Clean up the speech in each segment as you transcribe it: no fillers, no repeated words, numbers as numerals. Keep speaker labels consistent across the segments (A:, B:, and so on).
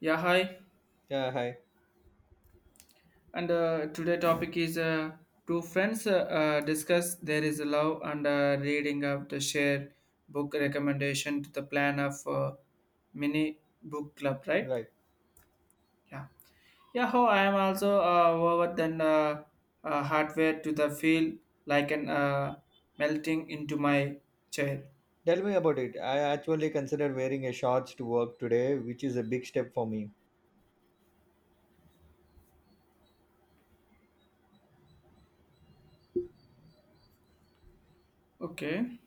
A: Yeah, hi.
B: Yeah, hi.
A: And today topic is two friends discuss there is a love and reading of the share book recommendation to the plan of mini book club, right?
B: Right.
A: Yeah. Yeah, how I am also over than hardware to the feel like an melting into my chair.
B: Tell me about it. I actually considered wearing a shorts to work today, which is a big step for me.
A: Okay.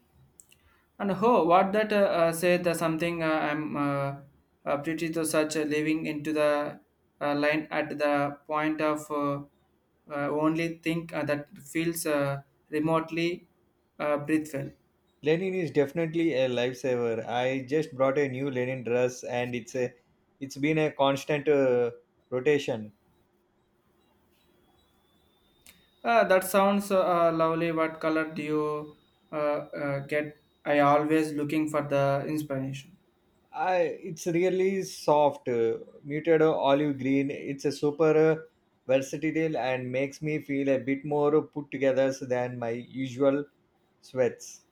A: And ho, what that said something I'm pretty to such leaving into the line at the point of only think that feels remotely breathful.
B: Lenin is definitely a lifesaver. I just brought a new Lenin dress, and it's been a constant rotation.
A: That sounds lovely. What color do you get? I always looking for the inspiration.
B: I it's really soft, muted olive green. It's a super versatile and makes me feel a bit more put together than my usual sweats.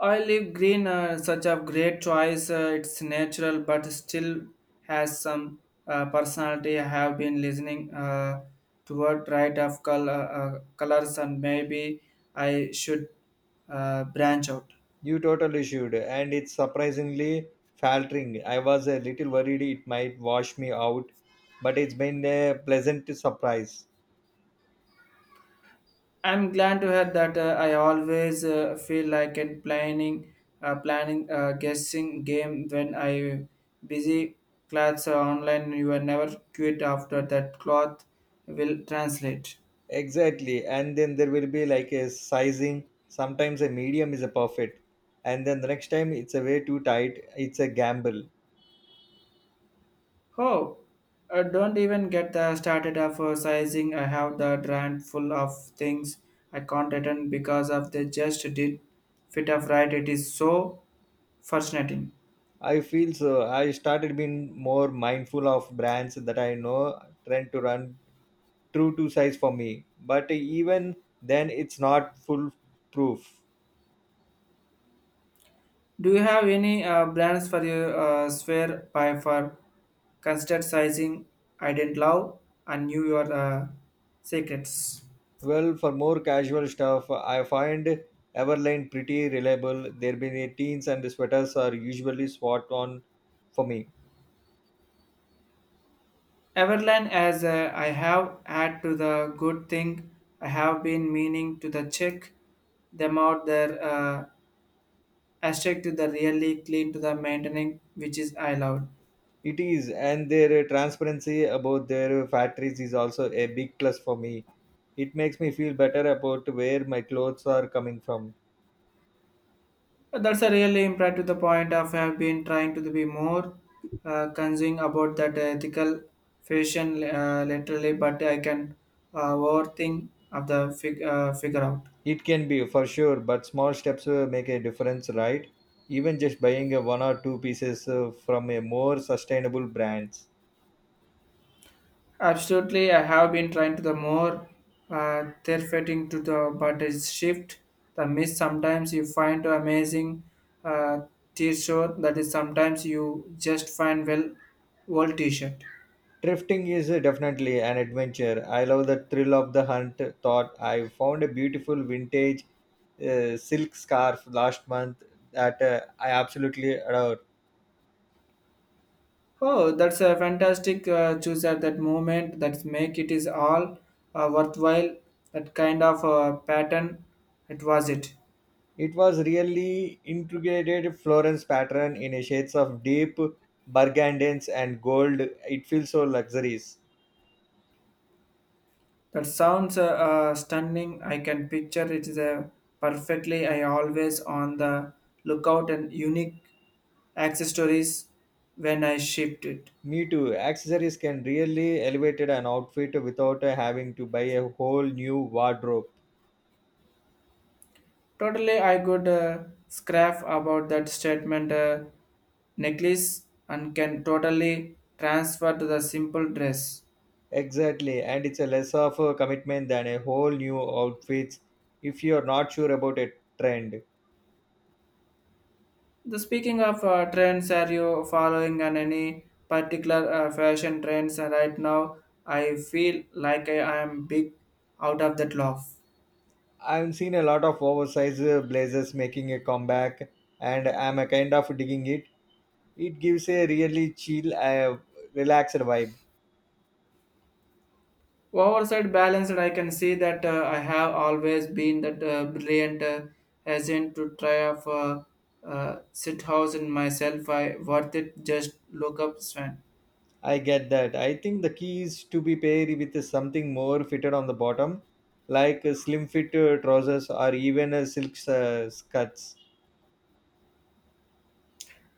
A: Olive green, such a great choice. It's natural, but still has some personality. I have been listening toward right of color colors, and maybe I should branch out.
B: You totally should, and it's surprisingly faltering. I was a little worried it might wash me out, but it's been a pleasant surprise.
A: I'm glad to hear that. I always feel like in planning, guessing game when I busy clothes online. You are never quit after that cloth will translate.
B: Exactly, and then there will be like a sizing. Sometimes a medium is a perfect, and then the next time it's a way too tight. It's a gamble.
A: Oh, don't even get the started of sizing. I have the drain full of things I can't return because of they just did fit of right. It is so frustrating.
B: I feel so. I started being more mindful of brands that I know, trying to run true to size for me. But even then, it's not foolproof.
A: Do you have any brands for your sphere by for considered sizing? I didn't love and knew your secrets.
B: Well, for more casual stuff, I find Everlane pretty reliable. Their mini teens and sweaters are usually spot on for me.
A: Everline, as I have had to the good thing, I have been meaning to the check them out there. Asterisk to the really clean to the maintaining, which is I allowed.
B: It is, and their transparency about their factories is also a big plus for me. It makes me feel better about where my clothes are coming from.
A: That's a really impact to the point of I have been trying to be more concerned about that ethical fashion literally, but I can overthink of the figure out.
B: It can be for sure, but small steps make a difference, right? Even just buying a one or two pieces from a more sustainable brands.
A: Absolutely, I have been trying to the more they fitting to the but it's shift the miss. Sometimes you find amazing uh, t-shirt that is sometimes you just find well old t-shirt.
B: Drifting is definitely an adventure. I love the thrill of the hunt. Thought I found a beautiful vintage silk scarf last month that I absolutely adore.
A: Oh, that's a fantastic choose at that moment. That's make it is all worthwhile. That kind of pattern, it was it.
B: It was really integrated Florence pattern in a shades of deep burgundies and gold. It feels so luxurious.
A: That sounds stunning. I can picture it is a perfectly. I always on the lookout and unique accessories when I shipped it.
B: Me too. Accessories can really elevate an outfit without having to buy a whole new wardrobe.
A: Totally, I could scrap about that statement necklace and can totally transfer to the simple dress.
B: Exactly, and it's a less of a commitment than a whole new outfits if you're not sure about a trend.
A: The speaking of trends, are you following on any particular fashion trends right now? I feel like I am big out of that love.
B: I've seen a lot of oversized blazers making a comeback, and I'm a kind of digging it. It gives a really chill, relaxed vibe.
A: Oversight balanced, I can see that I have always been that brilliant agent to try of sit house in myself. I worth it. Just look up Sven.
B: I get that. I think the key is to be paired with something more fitted on the bottom, like slim fit trousers or even silk skirts.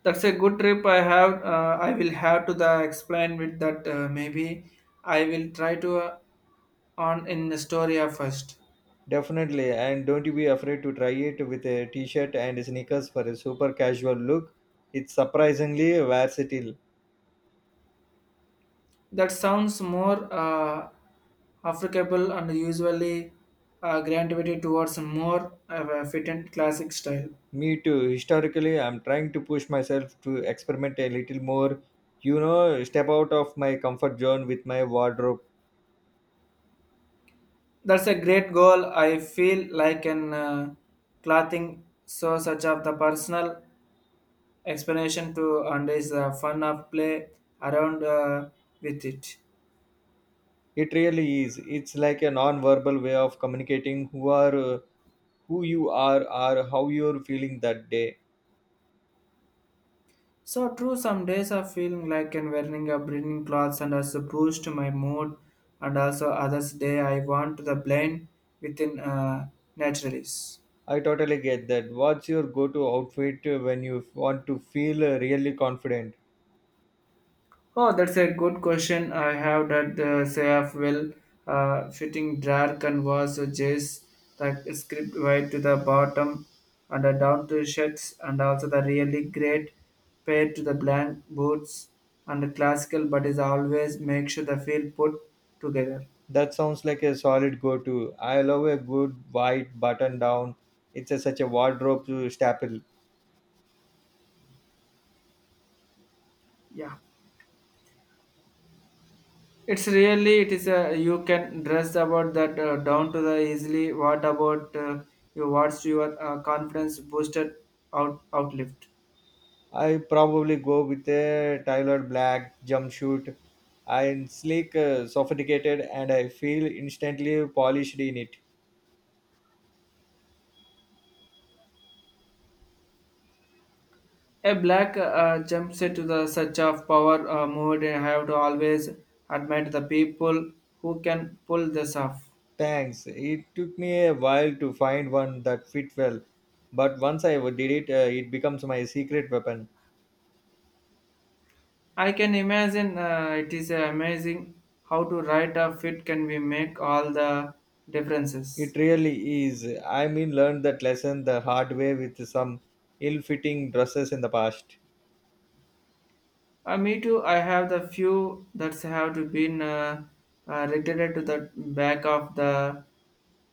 A: That's a good trip. I have. I will have to the explain with that. Maybe I will try to on in the story first.
B: Definitely, and don't you be afraid to try it with a t-shirt and sneakers for a super casual look. It's surprisingly versatile.
A: That sounds more applicable and usually gravity towards more of a fit and classic style.
B: Me too. Historically, I'm trying to push myself to experiment a little more, you know, step out of my comfort zone with my wardrobe.
A: That's a great goal. I feel like an clothing so such of the personal explanation to and is the fun of play around with it.
B: It really is. It's like a non-verbal way of communicating who you are or how you're feeling that day.
A: So true, some days are feeling like and wearing a bringing clothes and also boost my mood and also others day I want the blend within naturalist.
B: I totally get that. What's your go-to outfit when you want to feel really confident?
A: Oh, that's a good question. I have that the Sayaf will fitting dark and was jays like script right to the bottom and the down to shirts and also the really great pair to the blank boots and the classical but is always make sure the feel put together.
B: That sounds like a solid go to. I love a good white button down. It's such a wardrobe to staple.
A: Yeah. It's really it is a you can dress about that down to the easily. What about your what's your confidence boosted out outlift?
B: I probably go with a tailored black jumpsuit. I'm sleek, sophisticated, and I feel instantly polished in it.
A: A black jumpsuit to the such of power moved. I have to always admit the people who can pull this off.
B: Thanks. It took me a while to find one that fit well, but once I did it, it becomes my secret weapon.
A: I can imagine it is amazing how to write a fit can we make all the differences.
B: It really is. I mean, learned that lesson the hard way with some ill-fitting dresses in the past.
A: Me too. I have the few that have to been retired to the back of the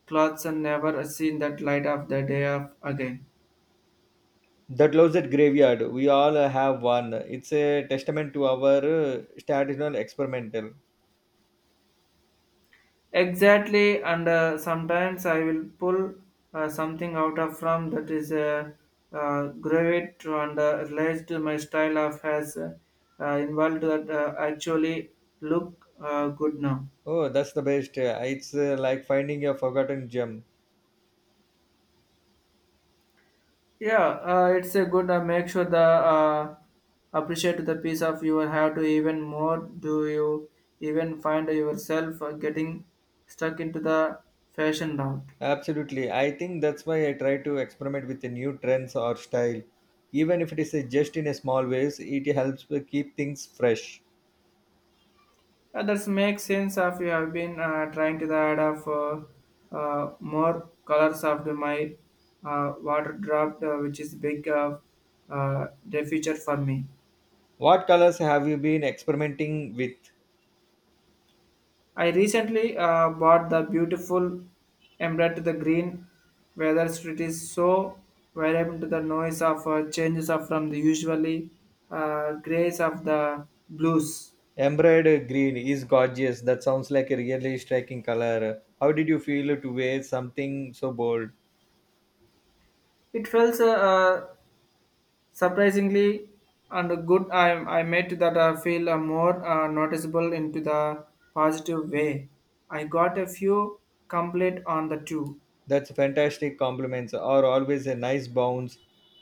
A: clothes and never seen that light of the day of again.
B: The Closet Graveyard, we all have one. It's a testament to our traditional experimental.
A: Exactly, and sometimes I will pull something out of from that is gravit and realize to my style of has involved that actually look good now.
B: Oh, that's the best. It's like finding a forgotten gem.
A: Yeah, it's a good make sure the appreciate the piece of you have to even more. Do you even find yourself getting stuck into the fashion route?
B: Absolutely. I think that's why I try to experiment with the new trends or style. Even if it is just in a small ways, it helps to keep things fresh.
A: That makes sense of you have been trying to add of more colors of the- my water drop, which is big uh, the future for me.
B: What colors have you been experimenting with?
A: I recently bought the beautiful emerald to the green, whether it is so variable to the noise of changes of from the usually grays of the blues.
B: Emerald green is gorgeous. That sounds like a really striking color. How did you feel to wear something so bold?
A: It feels surprisingly and good I made that I feel more noticeable into the positive way I got a few complete on the two.
B: That's fantastic compliments are always a nice bounce.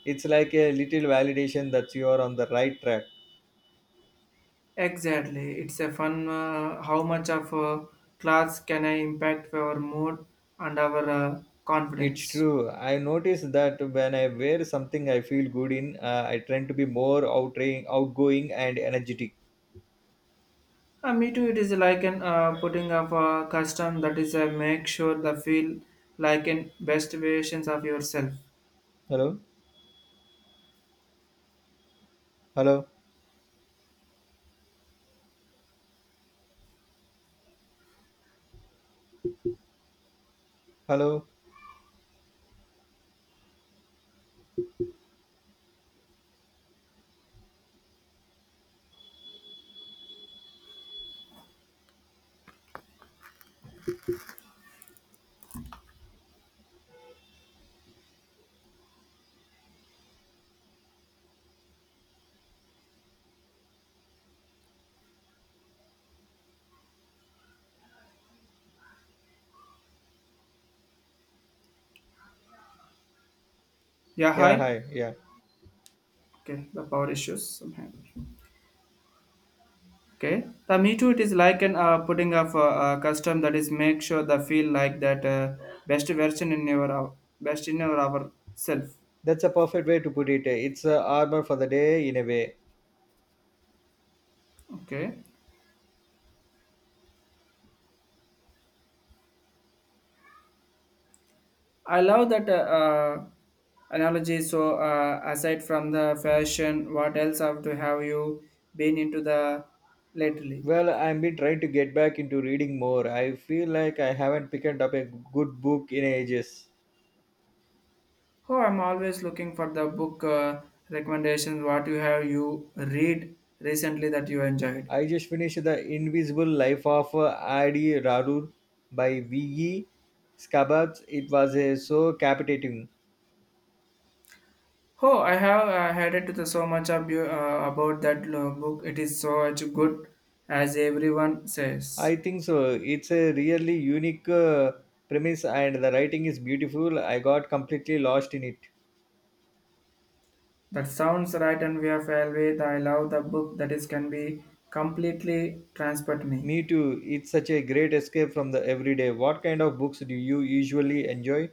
B: It's like a little validation that you are on the right track.
A: Exactly, it's a fun how much of a class can I impact our mood and our
B: It's
A: confidence.
B: true. I notice that when I wear something I feel good in, I tend to be more outgoing and energetic.
A: Me too, it is like an putting up a custom that is make sure the feel like in best versions of yourself.
B: Hello? Hello? Hello?
A: Yeah,
B: Yeah,
A: hi.
B: hi. Yeah.
A: Okay, the power issues somehow. Okay. The me too, it is like an putting of a, custom that is make sure the feel like that best version in your best in your ourself.
B: That's a perfect way to put it. It's a armor for the day in a way.
A: Okay. I love that uh, analogy. So aside from the fashion, what else have to have you been into the lately?
B: Well, I've been trying to get back into reading more. I feel like I haven't picked up a good book in ages.
A: Oh, I'm always looking for the book recommendations. What you have you read recently that you enjoyed?
B: I just finished The Invisible Life of Adi Rarur by V.E. Scabbard. It was so captivating.
A: Oh, I have heard it to so much of you, about that book. It is so much good, as everyone says.
B: I think so. It's a really unique premise and the writing is beautiful. I got completely lost in it.
A: That sounds right, and we are fair with. I love the book that is can be completely transport me.
B: Me too. It's such a great escape from the everyday. What kind of books do you usually enjoy?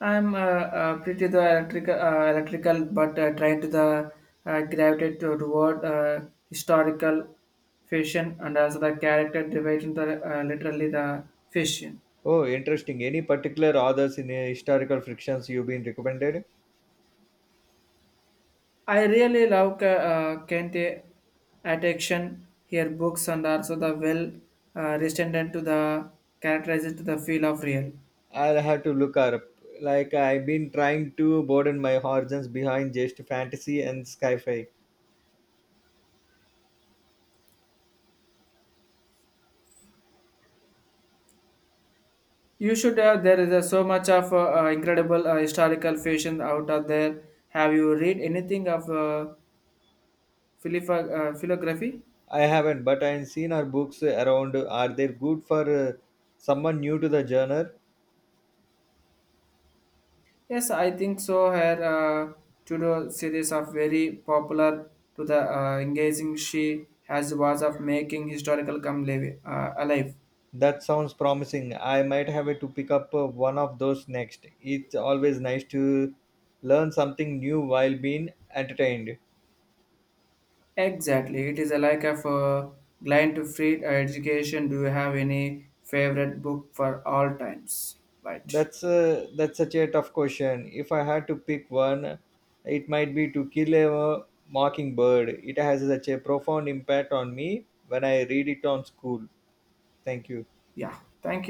A: I'm pretty the electrical, but trying to the gravitate toward historical fiction and also the character development, literally the fiction.
B: Oh, interesting. Any particular authors in historical frictions you've been recommended?
A: I really love Kente attention here books and also the well resistant to the characterized to the feel of real.
B: I'll have to look her up. Like I've been trying to broaden my horizons behind just fantasy and sci-fi.
A: You should there is so much of incredible historical fashion out of there. Have you read anything of philography?
B: I haven't, but I've seen her books around. Are they good for uh, someone new to the genre?
A: Yes, I think so. Her Tudor series of very popular to the engaging she has was of making historical come alive.
B: That sounds promising. I might have to pick up one of those next. It's always nice to learn something new while being entertained.
A: Exactly. It is a like of a client to free education. Do you have any favorite book for all times? Right.
B: That's such a tough question. If I had to pick one, it might be to kill a mockingbird. It has such a profound impact on me when I read it on school. Thank you.
A: Yeah. Thank